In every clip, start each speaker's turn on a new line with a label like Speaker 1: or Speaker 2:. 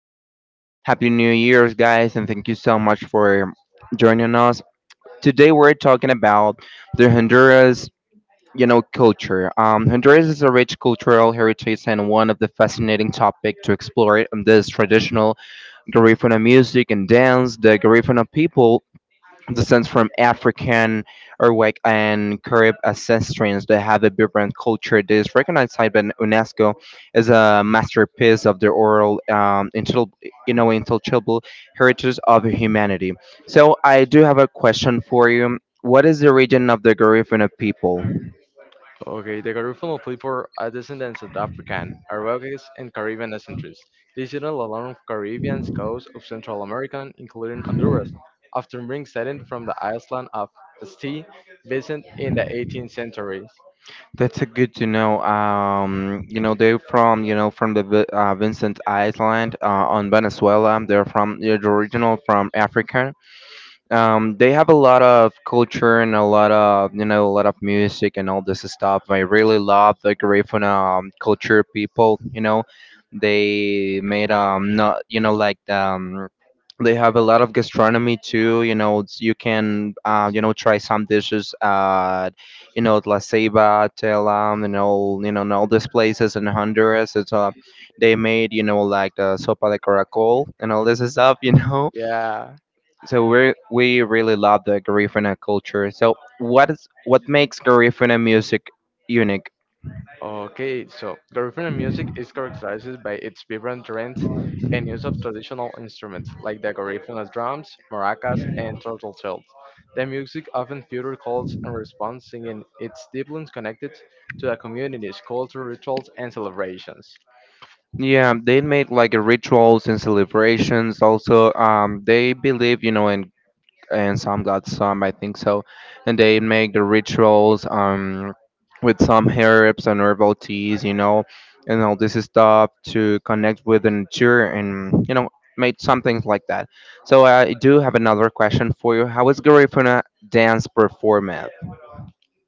Speaker 1: appreciate that. Happy New Year's, guys, and thank you so much for joining us. Today, we're talking about the Honduras. You know, culture. Honduras is a rich cultural heritage and one of the fascinating topic to explore in this traditional Garifuna music and dance. The Garifuna people descends from African, Arawak, and Carib ancestors that have a vibrant culture that is recognized by UNESCO as a masterpiece of the oral, intelligible heritage of humanity. So I do have a question for you. What is the origin of the Garifuna people?
Speaker 2: Okay, the Garifuna people are descendants of African, Arabic, and Caribbean ancestries. They settled along the Caribbean coast of Central America, including Honduras, after being settled from the island of St. Vincent in the 18th century.
Speaker 1: That's a good to know. You know they're from from the Vincent Island on Venezuela. They're from they're original from Africa. They have a lot of culture and a lot of a lot of music and all this stuff. I really love the Garifuna culture people. You know, they made not you know like they have a lot of gastronomy too. You know, you can you know try some dishes at La Ceiba, Telam, and all and all these places in Honduras. It's They made you know like the sopa de caracol and all this stuff. You know
Speaker 2: Yeah.
Speaker 1: so we really love the Garifuna culture. So what makes Garifuna music unique?
Speaker 2: Okay, so Garifuna music is characterized by its vibrant rhythms and use of traditional instruments like the Garifuna drums, maracas, and turtle shells. The music often features calls and response, singing its deeply connected to the community's culture, rituals, and celebrations.
Speaker 1: Yeah, they made like rituals and celebrations. Also, they believe you know in and some got some, I think so. And they make the rituals with some herbs and herbal teas, you know, and all this stuff to connect with the nature and, you know, made some things like that. So I do have another question for you. How is Garifuna dance performed?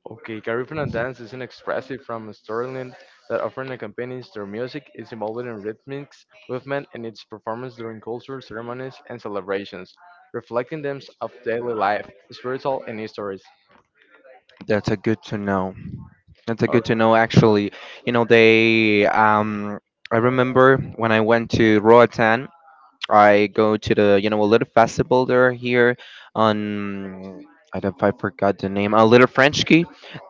Speaker 2: Okay, Caribbean dance is an expressive form of storytelling that often accompanies their music, is involved in rhythmics, movement, and its performance during cultural ceremonies and celebrations, reflecting themes of daily life, spiritual, and histories.
Speaker 1: That's a good to know. That's a
Speaker 2: Oh,
Speaker 1: good to know. Actually, you know they. I remember when I went to Roatan. I go to the a little festival there here on I don't I forgot the name a little French.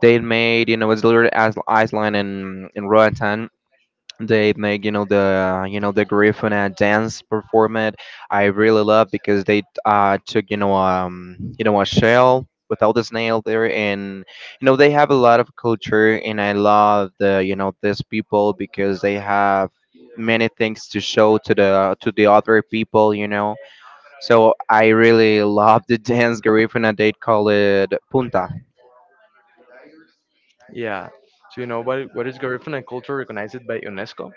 Speaker 1: They made you know it's little island in Roatan. They make you know the Griffin dance performed. I really love because they took a shell without the snail there, and you know they have a lot of culture, and I love these people because they have many things to show to the other people, you know, so I really love the dance Griffin, and they call it punta.
Speaker 2: yeah. So you know what is Garifuna culture recognized by UNESCO?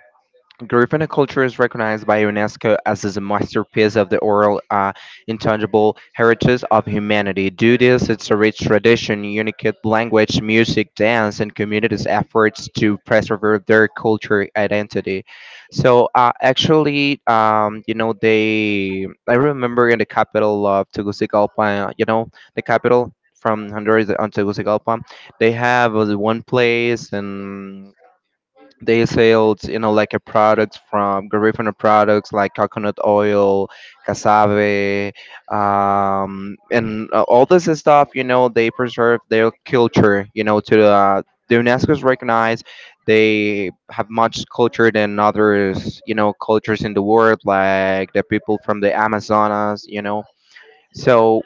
Speaker 1: Garifuna culture is recognized by UNESCO as is a masterpiece of the oral, intangible heritage of humanity. Due to this, its a rich tradition, unique language, music, dance, and communities' efforts to preserve their culture identity. So, actually, you know, they. I remember in the capital of Tegucigalpa, you know, the capital from Honduras on Tegucigalpa, they have one place, and they sales you know like a products from Garifuna products like coconut oil, cassave, and all this stuff. You know they preserve their culture you know to the UNESCO is recognized. They have much culture than others you know cultures in the world like the people from the Amazonas, you know,
Speaker 2: Yeah.
Speaker 1: so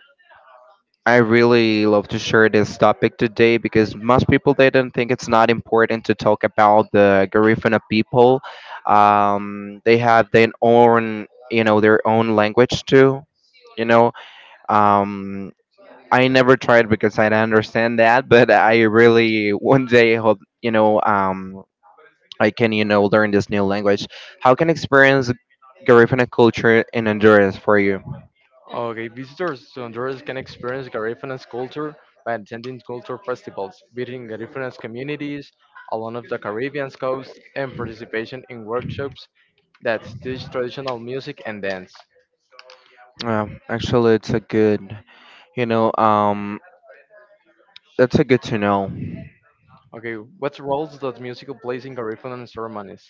Speaker 1: I really love to share this topic today because most people they don't think it's not important to talk about the Garifuna people. They have their own, you know, their own language too. You know, um, I never tried because I don't understand that, but I really one day hope, you know, I can, you know, learn this new language. How can experience Garifuna culture in endurance for you?
Speaker 2: Okay, visitors to Honduras can experience Garifunas culture by attending cultural festivals, visiting Garifunas communities along of the Caribbean coast, and participation in workshops that teach traditional music and dance.
Speaker 1: Actually, it's a good, you know. That's a good to know.
Speaker 2: Okay, what roles does music plays in Garifunan ceremonies?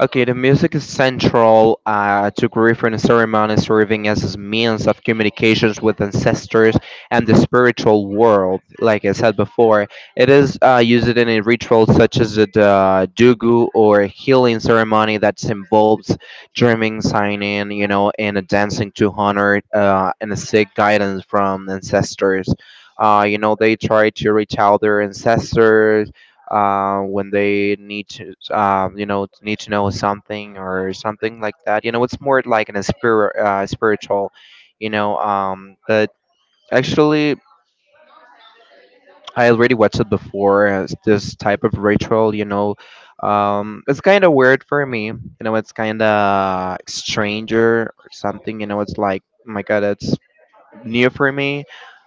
Speaker 1: Okay, the music is central to grief ceremonies, serving as a means of communications with ancestors and the spiritual world. Like I said before, it is used in a ritual such as the dugu or healing ceremony that involves drumming, signing, you know, and a dancing to honor and seek guidance from ancestors. You know, they try to reach out their ancestors when they need to, you know, need to know something or something like that. You know, it's more like an a spirit, spiritual, you know. But actually, I already watched it before as this type of ritual. You know, it's kind of weird for me. You know, it's kind of stranger or something. You know, it's like, oh my God, it's new for me.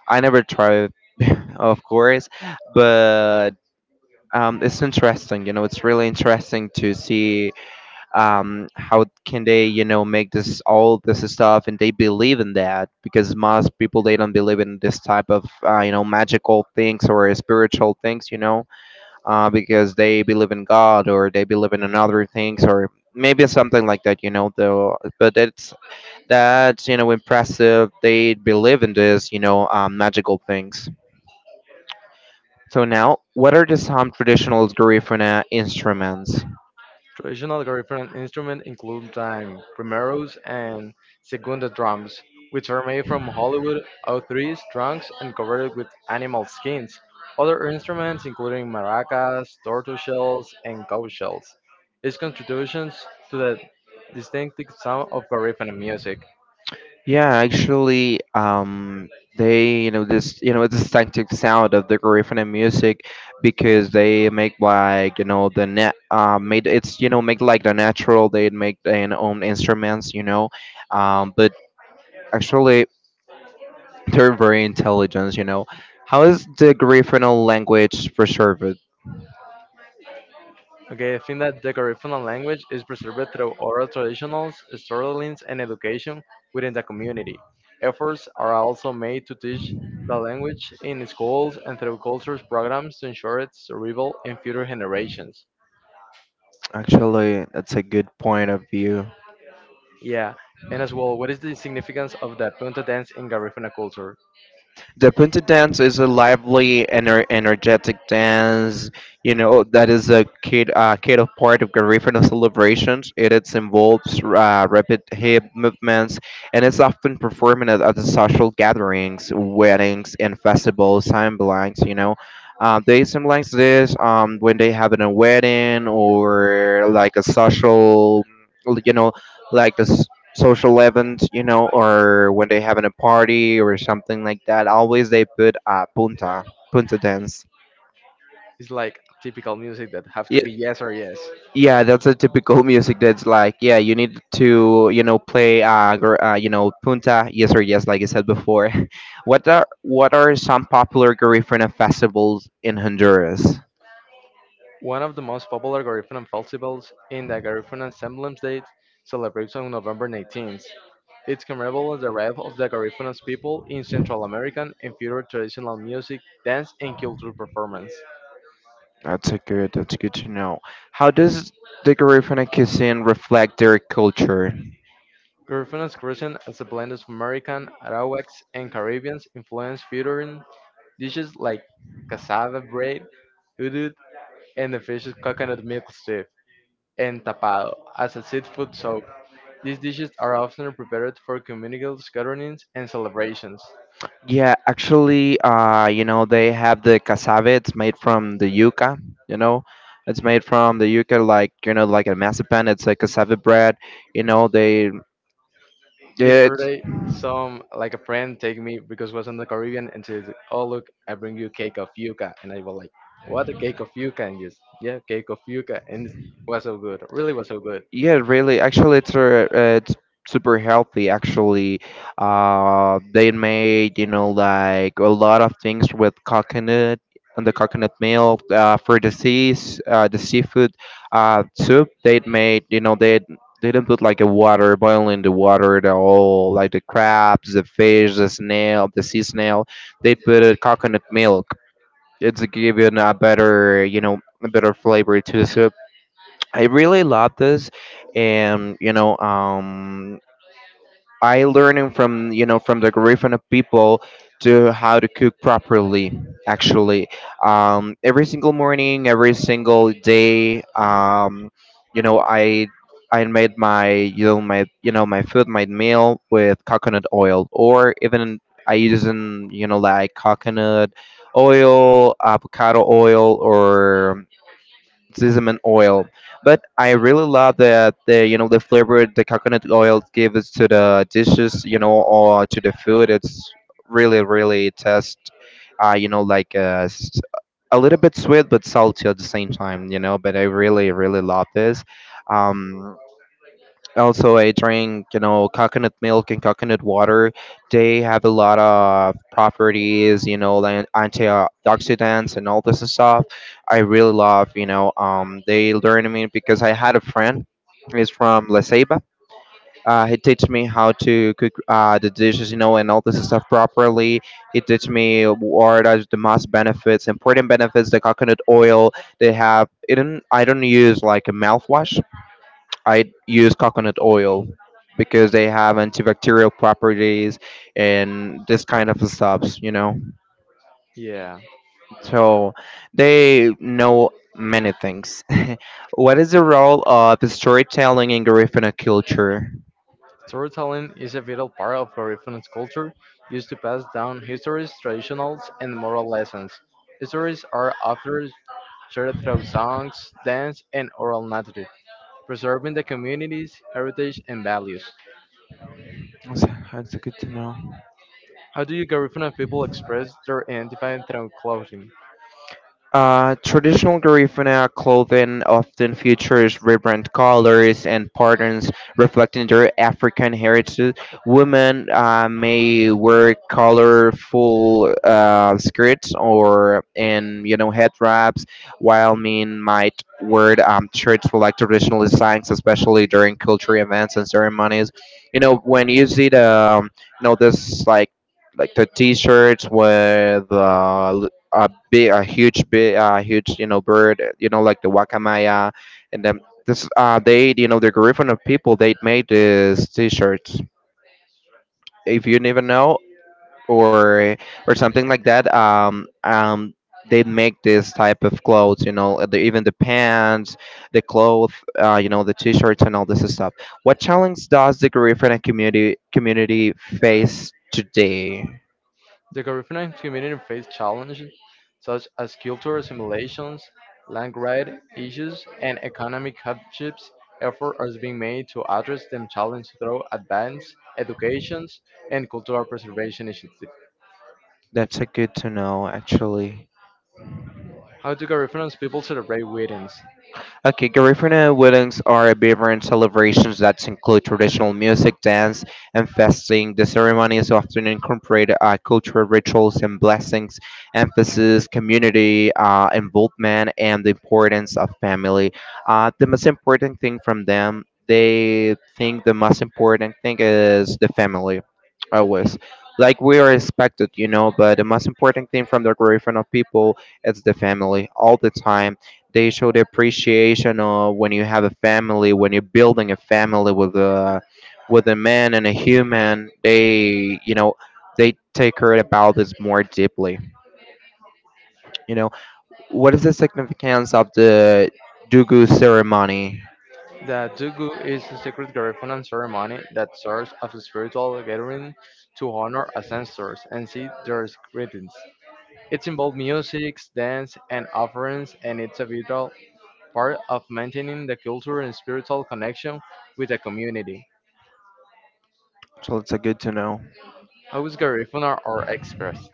Speaker 1: I never tried it, of course, but it's interesting you know it's really interesting to see how can they you know make this all this stuff, and they believe in that because most people they don't believe in this type of you know magical things or spiritual things, you know, because they believe in god, or they believe in another things, or maybe something like that, you know though, but it's that's you know impressive they believe in this, you know, magical things. So now, what are the some traditional Garifuna instruments?
Speaker 2: Traditional Garifunan instruments include time, primeros, and segunda drums, which are made from Hollywood O3s trunks and covered with animal skins. Other instruments, including maracas, tortoise shells, and cow shells, is contributions to the distinctive sound of Garifunan music.
Speaker 1: Yeah, actually, they, you know, it's distinctive sound of the Garifuna music because they make like, you know, the net, made it's, you know, make like the natural, they make their own instruments, you know, but actually, they're very intelligent, you know. How is the Garifuna language preserved?
Speaker 2: Okay, I think that the Garifuna language is preserved through oral traditionals, storytellings, and education within the community. Efforts are also made to teach the language in schools and through cultures programs to ensure its survival in future generations.
Speaker 1: Actually, that's a good point of view.
Speaker 2: Yeah, and as well, what is the significance of the punta dance in Garifuna culture?
Speaker 1: The punta dance is a lively energetic dance, you know, that is a kid of part of Garifuna celebrations. It involves rapid hip movements, and it's often performed at the social gatherings, weddings, and festivals, timelines, you know. They symbolize this when they have a wedding or like a social, you know, like a social events, you know, or when they having a party or something like that, always they put punta dance.
Speaker 2: It's like typical music that have
Speaker 1: Yeah,
Speaker 2: to be yes or yes.
Speaker 1: yeah, that's a typical music that's like, yeah, you need to, you know, play, you know, punta, yes or yes, like I said before. What are some popular Garifuna festivals in Honduras?
Speaker 2: One of the most popular Garifuna festivals in the Garifuna Semblance Day celebrates on November 19th. It's commemorates the arrival of the Garifuna's people in Central American and future traditional music, dance, and cultural performance.
Speaker 1: That's a good. That's good to know. How does the Garifuna cuisine reflect their culture?
Speaker 2: Garifana's cuisine as a blend of American, Arawaks, and Caribbean influence, featuring dishes like cassava bread, hudud, and the fish's coconut milk soup, and tapado as a seafood soup. These dishes are often prepared for communal gatherings and celebrations.
Speaker 1: Yeah, actually, you know, they have the cassava. It's made from the yuca. You know, it's made from the yuca, like you know, like a masapan. It's a cassava bread. You know, they it.
Speaker 2: Yesterday, some like a friend take me because was in the Caribbean and said, "Oh look, I bring you cake of yuca," and I was like, "What a cake of yuca!" And just yeah, cake of yuca, and it was so good. Really was so good.
Speaker 1: Yeah, really. Actually, it's super healthy. Actually, they made you know like a lot of things with coconut and the coconut milk for the seafood soup. They made they didn't put like a water boiling the water the all. Like the crabs, the fish, the snail, the sea snail. They put a coconut milk. It's giving a better flavor to the soup. I really love this, and you know, I learning from from the Garifuna people to how to cook properly. Actually, every single morning, every single day, you know, I made my you know my you know my food, my meal with coconut oil, or even I using you know like coconut oil, avocado oil, or sesame oil. But I really love that the you know the flavor the coconut oil gives to the dishes, you know, or to the food. It's really really tastes, uh, you know, like uh, s- a little bit sweet but salty at the same time, you know. But I really really love this. Um, Also I drink you know coconut milk and coconut water. They have a lot of properties you know like antioxidants and all this and stuff. I really love you know they learned me because I had a friend. He's from La Ceiba. He teach me how to cook the dishes, you know, and all this stuff properly. He teach me what are the most benefits, important benefits, the coconut oil they have. It don't, I don't use like a mouthwash, I use coconut oil because they have antibacterial properties and this kind of stuffs, you know.
Speaker 2: Yeah.
Speaker 1: So they know many things. what is the role of storytelling in Garifuna culture?
Speaker 2: Storytelling is a vital part of Peruvian culture, used to pass down histories, traditions, and moral lessons. Stories are often shared through songs, dance, and oral narrative, preserving the community's heritage and values.
Speaker 1: That's that's good to know.
Speaker 2: How do you Garifuna people express their identity through clothing?
Speaker 1: Traditional Garifuna clothing often features vibrant colors and patterns reflecting their African heritage. Women may wear colorful skirts or and you know head wraps, while men might wear shirts with like traditional designs, especially during cultural events and ceremonies. You know when you see the this like the t-shirts with big a huge bird, like the wakamaya. And then this they, you know, the Garifuna people, they made these t-shirts if you never know, or something like that. They make this type of clothes, you know, even the pants, the clothes, the t-shirts, and all this stuff. What challenge does the Garifuna community face today?
Speaker 2: The curriculum community faced challenges such as cultural assimilations, land grant issues, and economic hardships. Effort is being made to address them challenges through advanced educations and cultural preservation initiatives.
Speaker 1: That's a good to know, actually.
Speaker 2: How do Garifunans people celebrate weddings?
Speaker 1: Okay, Garifuna weddings are vibrant celebrations that include traditional music, dance, and fasting. The ceremonies often incorporate cultural rituals and blessings, emphasis community involvement, and the importance of family. The most important thing from them, they think the most important thing is the family, always. Like we are expected, you know, but the most important thing from the Garifuna people is the family all the time. They show the appreciation of when you have a family, when you're building a family with a man and a human. They, you know, they take care about this more deeply. You know, what is the significance of the Dugu ceremony?
Speaker 2: The Dugu is a sacred Garifunan ceremony that serves as a spiritual gathering to honor ancestors and see their greetings. It involves music, dance, and offerings, and it's a vital part of maintaining the cultural and spiritual connection with the community.
Speaker 1: So it's a good to know.
Speaker 2: Always Garifuna are expressed.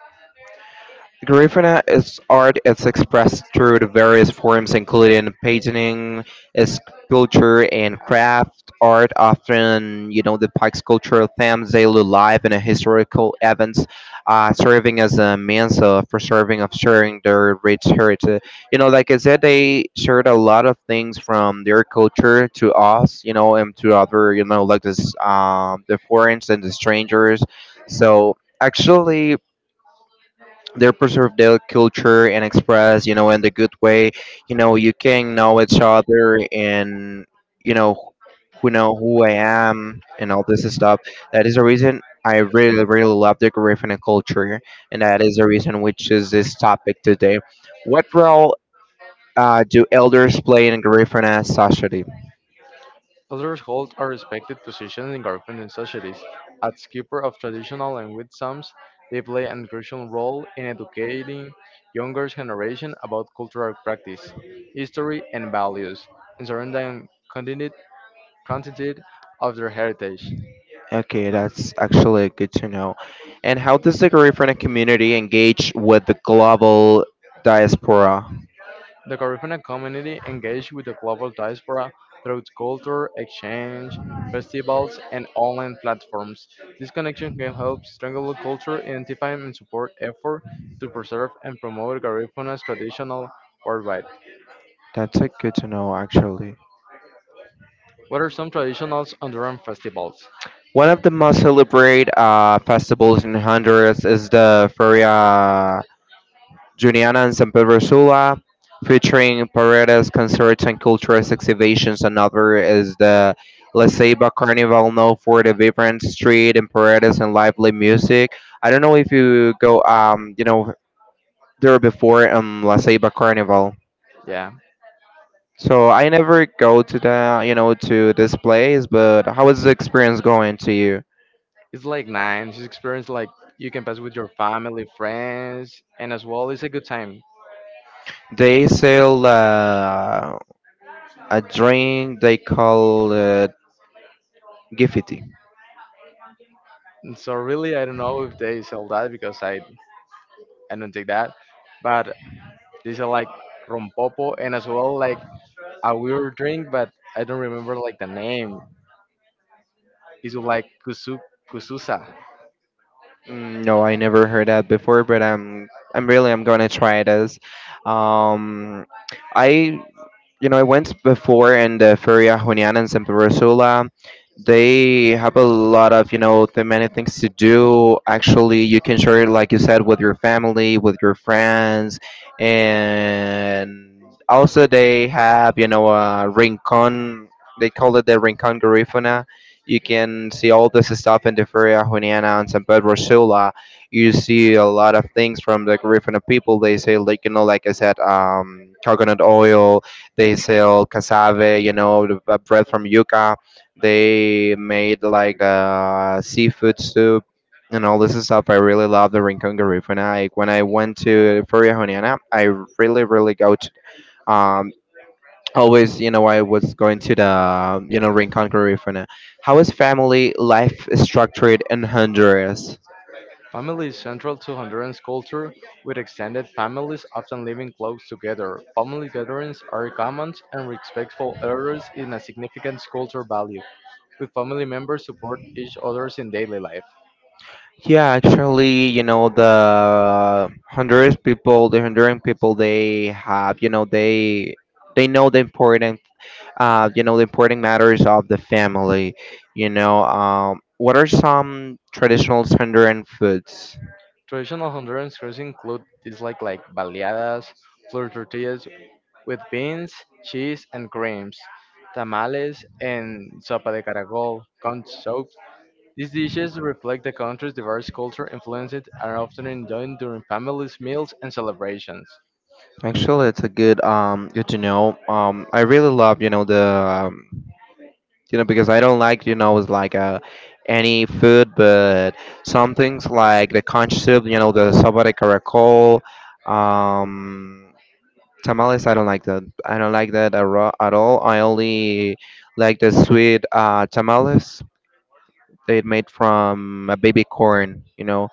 Speaker 1: Grifana is art is expressed through the various forms including painting, sculpture and craft art, often, you know, depicts cultural themes, daily life and historical events, serving as a means of preserving of sharing their rich heritage. You know, like I said, they shared a lot of things from their culture to us, you know, and to other, you know, like this the foreigners and the strangers. So actually they preserve their culture and express, you know, in the good way. You know, you can know each other, and you know who I am and all this stuff. That is the reason I really really love the Garifuna culture, and that is the reason which is this topic today. What role do elders play in Garifuna society?
Speaker 2: Elders hold a respected position in Garifuna societies. As keeper of traditional and wisdoms, they play an crucial role in educating younger generation about cultural practice, history, and values, and surrounding content of their heritage.
Speaker 1: Okay, that's actually good to know. And how does the Garifuna community engage with the global diaspora?
Speaker 2: The Caribbean community engaged with the global diaspora through culture, exchange, festivals, and online platforms. This connection can help strengthen culture, identify and support efforts to preserve and promote Garifana's traditional worldwide.
Speaker 1: That's a good to know, actually.
Speaker 2: What are some traditional Honduran festivals?
Speaker 1: One of the most celebrated festivals in Honduras is the Feria Juniana in San Pedro Sula, featuring paredes, concerts, and cultural exhibitions. Another is the La Ceiba Carnival, known for the vibrant street and paredes and lively music. I don't know if you go, you know, there before, La Ceiba Carnival.
Speaker 2: Yeah,
Speaker 1: So I never go to the, you know, to this place, but how is the experience going to you?
Speaker 2: it's like nine. It's experience like you can pass with your family, friends, and as well, it's a good time.
Speaker 1: They sell a drink they call Giffity.
Speaker 2: And so really, I don't know if they sell that because I don't take that, but these are like rompopo and as well like a weird drink, but I don't remember like the name. It's like kusu kususa.
Speaker 1: Mm, no, I never heard that before, but I'm really I'm gonna try this. Um, I I went before and Feria Juniana and Santa Ursula. They have a lot of, you know, the many things to do. Actually, you can share it, like you said, with your family, with your friends, and also they have, you know, a rincon. They call it the rincon garifuna. You can see all this stuff in the Feria Juniana and San Pedro Sula. You see a lot of things from the Garifuna people. They say, like, you know, like I said, coconut oil, they sell cassave, you know, the bread from yuca. They made like seafood soup and all this stuff. I really love the Rincon Garif. When I went to Feria Joniana, I really really go to, um always, you know, I was going to the, you know, Rincon Garifuna. How is family life structured in Honduras?
Speaker 2: Family is central to Honduran's culture, with extended families often living close together. Family gatherings are common and respectful elders in a significant cultural value, with family members support each others in daily life.
Speaker 1: Yeah, actually, you know, the Honduras people, the Honduran people, they have, you know, they know the important, you know, the important matters of the family. You know, what are some traditional Honduran foods?
Speaker 2: Traditional Honduran desserts include dislikes like baleadas, flour tortillas with beans, cheese, and creams, tamales, and sopa de caracol, corn soup. These dishes reflect the country's diverse culture influences and are often enjoyed during families, meals, and celebrations.
Speaker 1: Actually, it's a good, good to know. I really love, you know, the, um, you know, because I don't like, you know, it's like any food, but some things like the conch soup, you know, the sopa de caracol. Um tamales, I don't like that. I don't like that at at all. I only like the sweet tamales. They made from a baby corn, you know.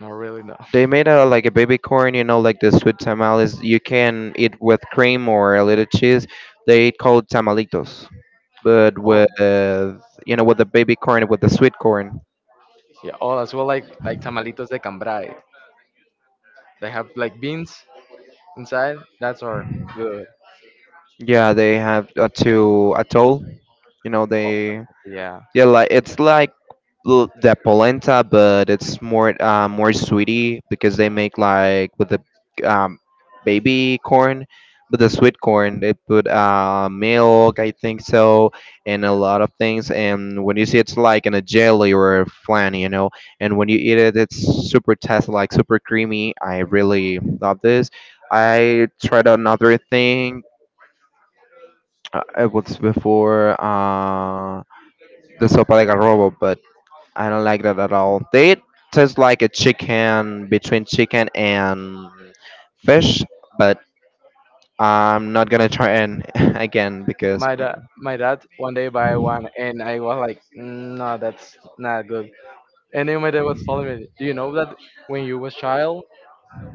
Speaker 2: Not really, no.
Speaker 1: They made out of like a baby corn, you know, like the sweet tamales. You can eat with cream or a little cheese. They call it tamalitos, but
Speaker 2: Oh,
Speaker 1: with, you know, with the baby corn, with the sweet corn.
Speaker 2: yeah, all as well like tamalitos de cambray. They have like beans inside. That's our good.
Speaker 1: Yeah, they have a to atoll. You know
Speaker 2: Oh,
Speaker 1: they.
Speaker 2: yeah.
Speaker 1: Yeah, like it's like the polenta, but it's more sweetie because they make like with the, um, baby corn, but the sweet corn. They put milk, I think so, and a lot of things. And when you see, it's like in a jelly or a flan, you know. And when you eat it, it's super tasty, like super creamy. I really love this. I tried another thing. It was before the sopa de garrobo, but I don't like that at all. They taste like a chicken between chicken and fish, but I'm not gonna try and again because.
Speaker 2: My dad, my dad one day buy one, and I was like, "Mm, no, that's not good." And then my dad was telling me, do you know that when you was child,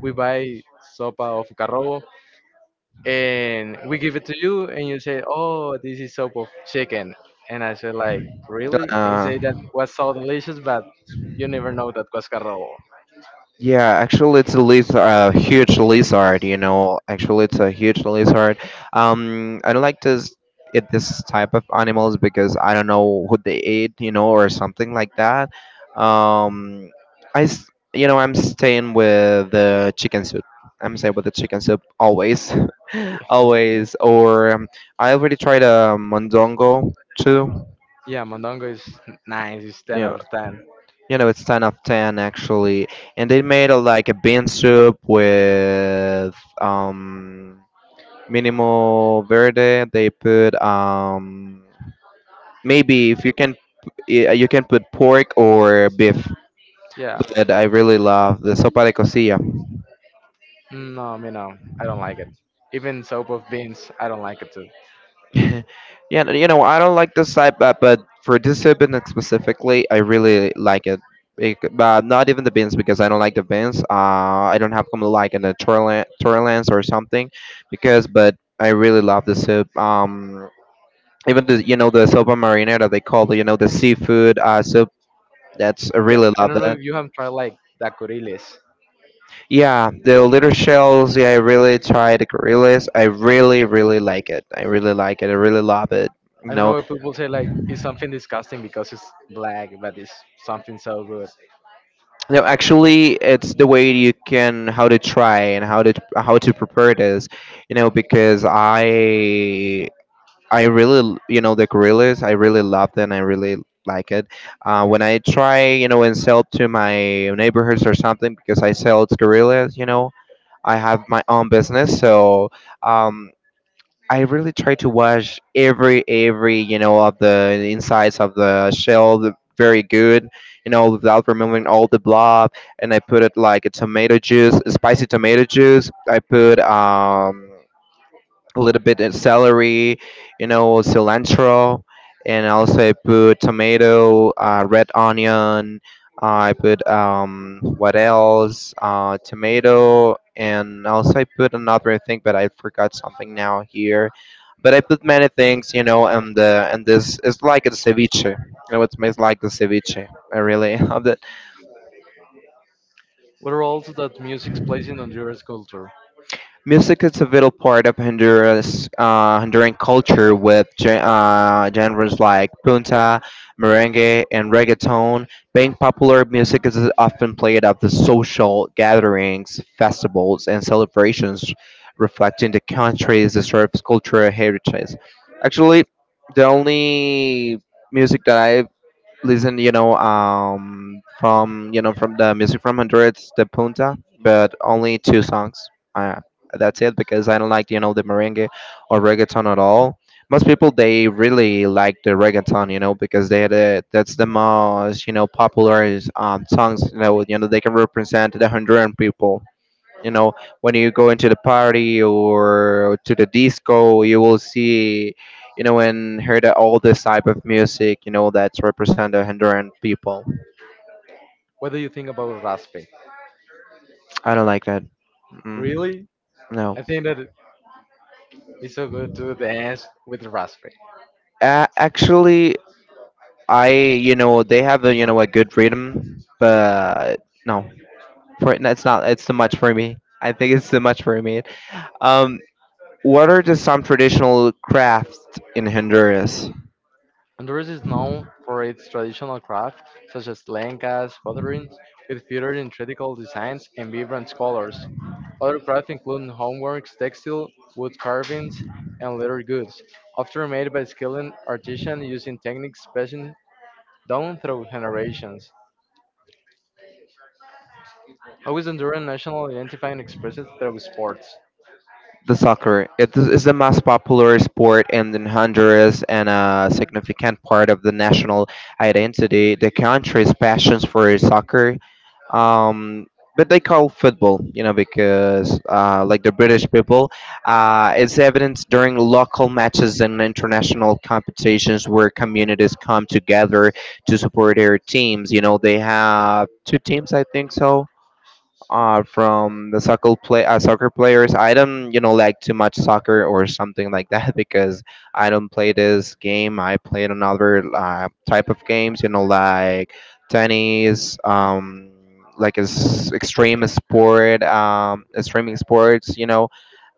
Speaker 2: we buy sopa of carrobo, and we give it to you and you say, oh, this is soup of chicken. And I said like, really? And
Speaker 1: Uh,
Speaker 2: say that was so delicious, but you never know that was carrobo.
Speaker 1: yeah, actually, it's a lizard, a huge lizard. You know, actually, it's a huge lizard. I, don't like to s- eat this type of animals because I don't know what they eat. You know, or something like that. Um, I, s- you know, I'm staying with the chicken soup. I'm staying with the chicken soup always. always. Or I already tried a mondongo too.
Speaker 2: Yeah, mondongo is nice, it's
Speaker 1: You
Speaker 2: 10 out
Speaker 1: know,
Speaker 2: of 10.
Speaker 1: you know, it's 10 of 10 actually, and they made a, like a bean soup with um minimal verde. They put maybe if you can you can put pork or beef,
Speaker 2: Yeah,
Speaker 1: but I really love the sopa de cosilla.
Speaker 2: no. Me, no, I don't like it. Even soup of beans, I don't like it too.
Speaker 1: Yeah, you know, I don't like this type, but for discipline specifically, I really like it. It, but not even the beans because I don't like the beans. I don't have come like in the Torrance or something, because but I really love the soup. Even
Speaker 2: Even if,
Speaker 1: the, you know, the sopa marinara, they call the, you know, the seafood soup. That's I
Speaker 2: yeah,
Speaker 1: really
Speaker 2: I
Speaker 1: love
Speaker 2: don't know if
Speaker 1: that.
Speaker 2: you have tried like dacoriles.
Speaker 1: Yeah, the little shells. Yeah, I really try the gorillas. I really really like it. I really like it. I really love it.
Speaker 2: I don't
Speaker 1: No.
Speaker 2: know if people say like it's something disgusting because it's black, but it's something so good.
Speaker 1: No, actually, it's the way you can how to try and how to prepare this, you know, because I really you know, the gorillas, I really love them. I really like it. When I try, you know, and sell to my neighborhoods or something because I sell gorillas, you know, I have my own business. So um, I really try to wash every of the insides of the shell, very good, you know, without removing all the blob. And I put it like a tomato juice, spicy tomato juice. I put a little bit of celery, you know, cilantro, and also I put tomato, red onion. I put, what else? Tomato, and also I put another thing, but I forgot something now here. But I put many things, you know, and the, and this, it's like a ceviche. You know, it smells like the ceviche. I really love it.
Speaker 2: What roles that music plays in Honduras culture?
Speaker 1: Music is a vital part of Honduras, Honduran culture, with genres like punta, merengue, and reggaeton being popular. Music is often played at the social gatherings, festivals, and celebrations, reflecting the country's diverse cultural heritage. Actually, the only music that I listen, you know, from, from the music from Honduras, the Punta, but only two songs. That's it because I don't like, you know, the merengue or reggaeton at all. Most people they really like the reggaeton, you know, because that's the most, you know, popular songs. You know, you know, they can represent the Honduran people, you know, when you go into the party or to the disco, you will see, you know, and hear that all this type of music, you know, that's represent the Honduran people.
Speaker 2: What do you think about raspe?
Speaker 1: I don't like that. Mm,
Speaker 2: Really?
Speaker 1: no.
Speaker 2: I think that it's so good to dance with raspe.
Speaker 1: Actually, I, you know, they have a, you know, a good rhythm, but no, for it's not, it's too much for me. I think it's too much for me. Um what are the some traditional crafts in Honduras?
Speaker 2: Honduras is known for its traditional crafts, such as lencas, pottery, with featured intricate designs and vibrant colors. Other crafts include homeworks, textile, wood carvings, and leather goods, often made by skilled artisans using techniques passed down through generations. How is Honduran national identity expressed through sports?
Speaker 1: The soccer. It is the most popular sport in Honduras and a significant part of the national identity. The country's passions for soccer, um, but they call football, you know, because like the British people, it's evidenced during local matches and international competitions where communities come together to support their teams. You know, they have two teams, I think so, from the soccer players. I don't like too much soccer or something like that because I don't play this game. I play another type of games. Like tennis. Like is extreme sport, extreme sports,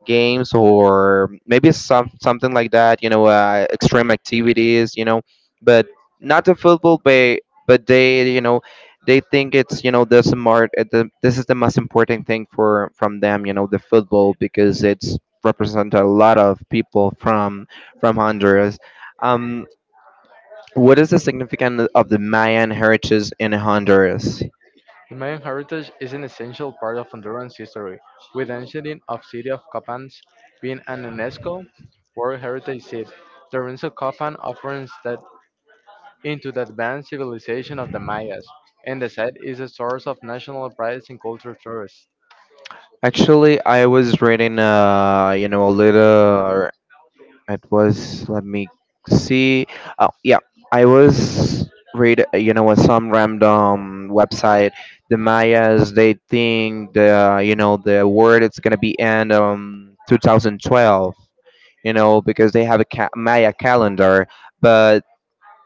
Speaker 1: games or maybe something like that extreme activities but not the football but but they think it's, the smart, this is the most important thing for from them, the football, because it's represent a lot of people from Honduras. um what is the significance of the Mayan heritage in Honduras?
Speaker 2: Mayan heritage is an essential part of Honduran's history, with the ancient of city of Copan being an UNESCO World Heritage Site. The ruins of Copan offers that into the advanced civilization of the Mayas, and the site is a source of national pride and cultural tourists.
Speaker 1: Actually, I was reading, a little. It was, let me see. Oh, yeah, I was read, what, some random website. The Mayas, they think the, the word it's gonna be end 2012. You know, because they have a Maya calendar, but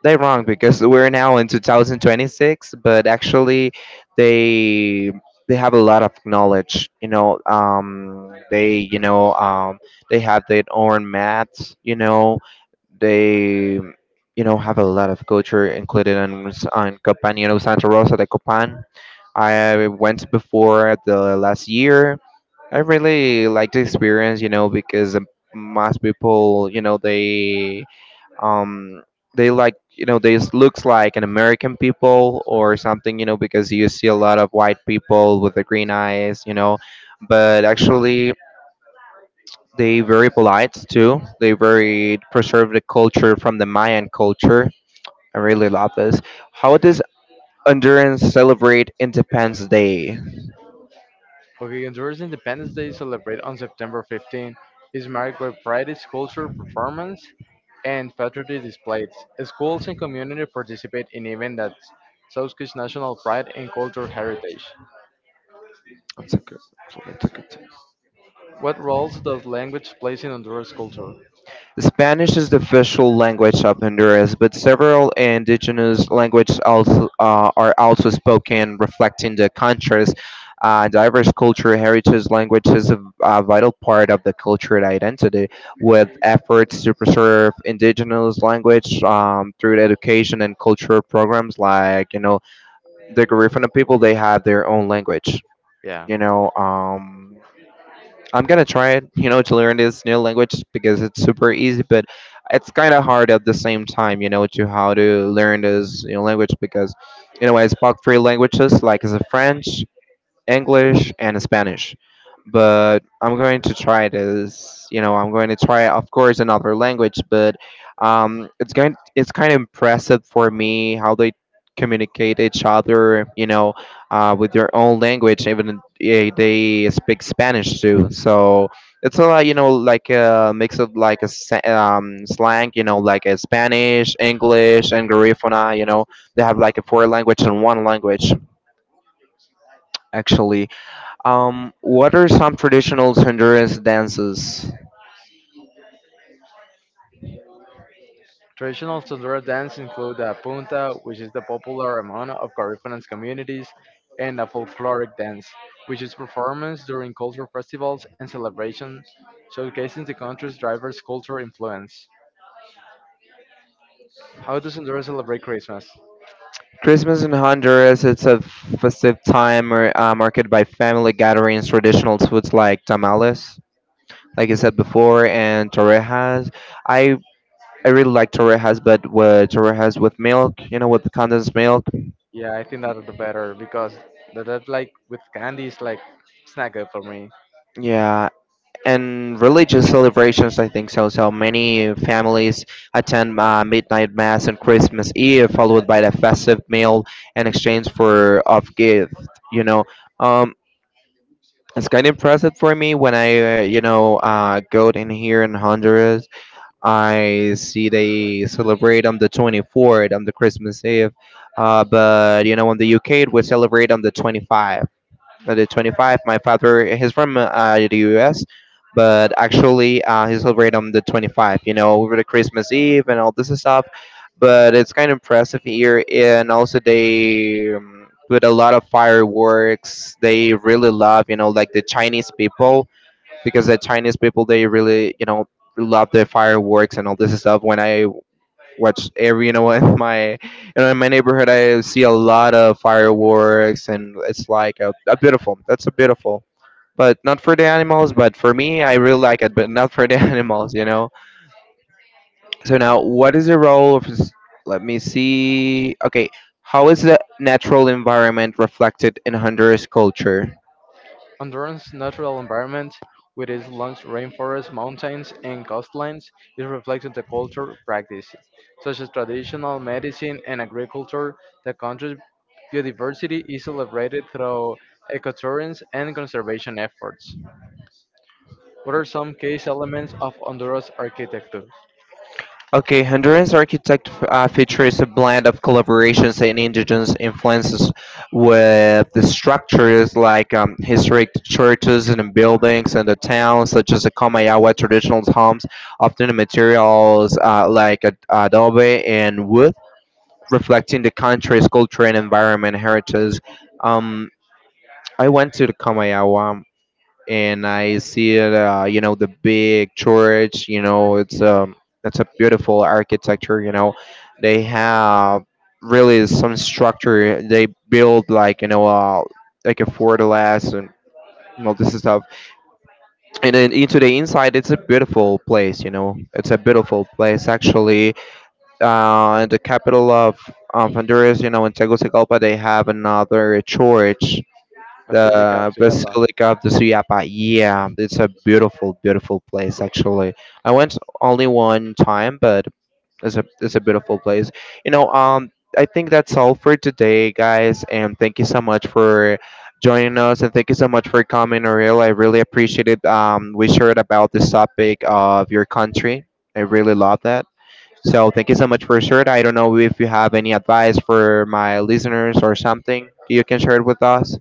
Speaker 1: they're wrong because we're now in 2026, but actually, they they have a lot of knowledge. You know, they have their own maths. They, have a lot of culture included in on Copan. You know, Santa Rosa de Copan. I went before the last year. I really like the experience, you know, because most people, you know, um they like, they looks like an American people or something, you know, because you see a lot of white people with the green eyes, you know, but actually they very polite too. They very preserve the culture from the Mayan culture. I really love this. How does Honduras celebrate Independence Day?
Speaker 2: Okay, Honduras Independence Day celebrated on September 15th is marked by pride, cultural performance, and patriotic displays. Schools and community participate in events that showcase national pride and cultural heritage.
Speaker 1: That's okay.
Speaker 2: What roles does language plays in Honduras culture?
Speaker 1: Spanish is the official language of Honduras, but several indigenous languages also, are also spoken, reflecting the country's diverse culture. Heritage language is a vital part of the cultural identity, with efforts to preserve indigenous language, through education and cultural programs like, you know, the Garifuna people, they have their own language,
Speaker 2: Yeah.
Speaker 1: you know. I'm gonna try it, you know, to learn this new language because it's super easy, but it's kind of hard at the same time, you know, to how to learn this, language because, you know, I spoke three languages, like as a French, English and Spanish. But I'm going to try this. You know, I'm going to try, of course, another language. But it's going. It's kind of impressive for me how they communicate each other. You know, with their own language, even they speak Spanish too. So it's a lot. You know, like a mix of like slang. You know, like a Spanish, English, and Garifuna. You know, they have like a four language and one language actually. What are some traditional Honduras dances?
Speaker 2: Traditional Sonora dance include the punta, which is the popular among of Garifana's communities, and the folkloric dance, which is performance during cultural festivals and celebrations, showcasing the country's diverse cultural influence. How does Honduras celebrate Christmas?
Speaker 1: Christmas in Honduras, it's a festive time or, marked by family gatherings, traditional foods like tamales, like I said before, and torrejas. I I really like torrejas, but with torrejas with milk, you know, with condensed milk.
Speaker 2: Yeah, I think that's the better because that like with candy is like snacker for me.
Speaker 1: Yeah, and religious celebrations, I think so. So many families attend midnight mass on Christmas Eve, followed by the festive meal in exchange for of gift, you know um it's kind of impressive for me when I, go in here in Honduras. I see they celebrate on the 24th, on the Christmas Eve, but you know, in the UK we celebrate on the 25th, at the 25. My father, he's from the US, but actually he celebrated on the 25, you know, over the Christmas Eve and all this stuff. But it's kind of impressive here. And also, they put a lot of fireworks. They really love, you know, like the Chinese people, because the Chinese people, they really, you know, love the fireworks and all this stuff. When I watch every you know what, in my in my neighborhood, I see a lot of fireworks and it's like a beautiful, but not for the animals, but for me I really like it, but not for the animals, you know. So now, what is the role of let me see. Okay, how is the natural environment reflected in Honduras culture?
Speaker 2: Honduran's natural environment with its lush rainforests, mountains, and coastlines is reflected the culture practices, such as traditional medicine and agriculture. The country's biodiversity is celebrated through ecotourism and conservation efforts. What are some key elements of Honduras architecture?
Speaker 1: Okay, Honduran's architect features a blend of collaborations and indigenous influences with the structures like, historic churches and buildings in the town, such as the Comayagua traditional homes, often the materials like adobe and wood, reflecting the country's culture and environment heritage. Um, I went to the Comayagua, and I see it, you know, the big church. You know, it's a beautiful architecture. You know, they have really some structure. They build like, you know, like a fortaleza and all this stuff. And then into the inside, it's a beautiful place. You know, it's a beautiful place actually. In the capital of, Honduras, you know, in Tegucigalpa, they have another church,
Speaker 2: Basilica of
Speaker 1: the
Speaker 2: Suyapa.
Speaker 1: Basilica of the Suyapa. Yeah, it's a beautiful, beautiful place. Actually, I went only one time, but it's a beautiful place. You know, I think that's all for today, guys, and thank you so much for joining us, and thank you so much for coming, Ariel. I really appreciate it. We shared about this topic of your country. I really love that. So thank you so much for sharing. I don't know if you have any advice for my listeners or something you can share it with us.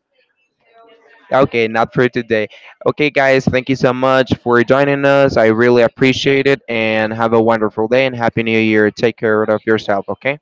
Speaker 1: Okay, not for today. Okay, guys, thank you so much for joining us. I really appreciate it and have a wonderful day and happy new year. Take care of yourself, okay?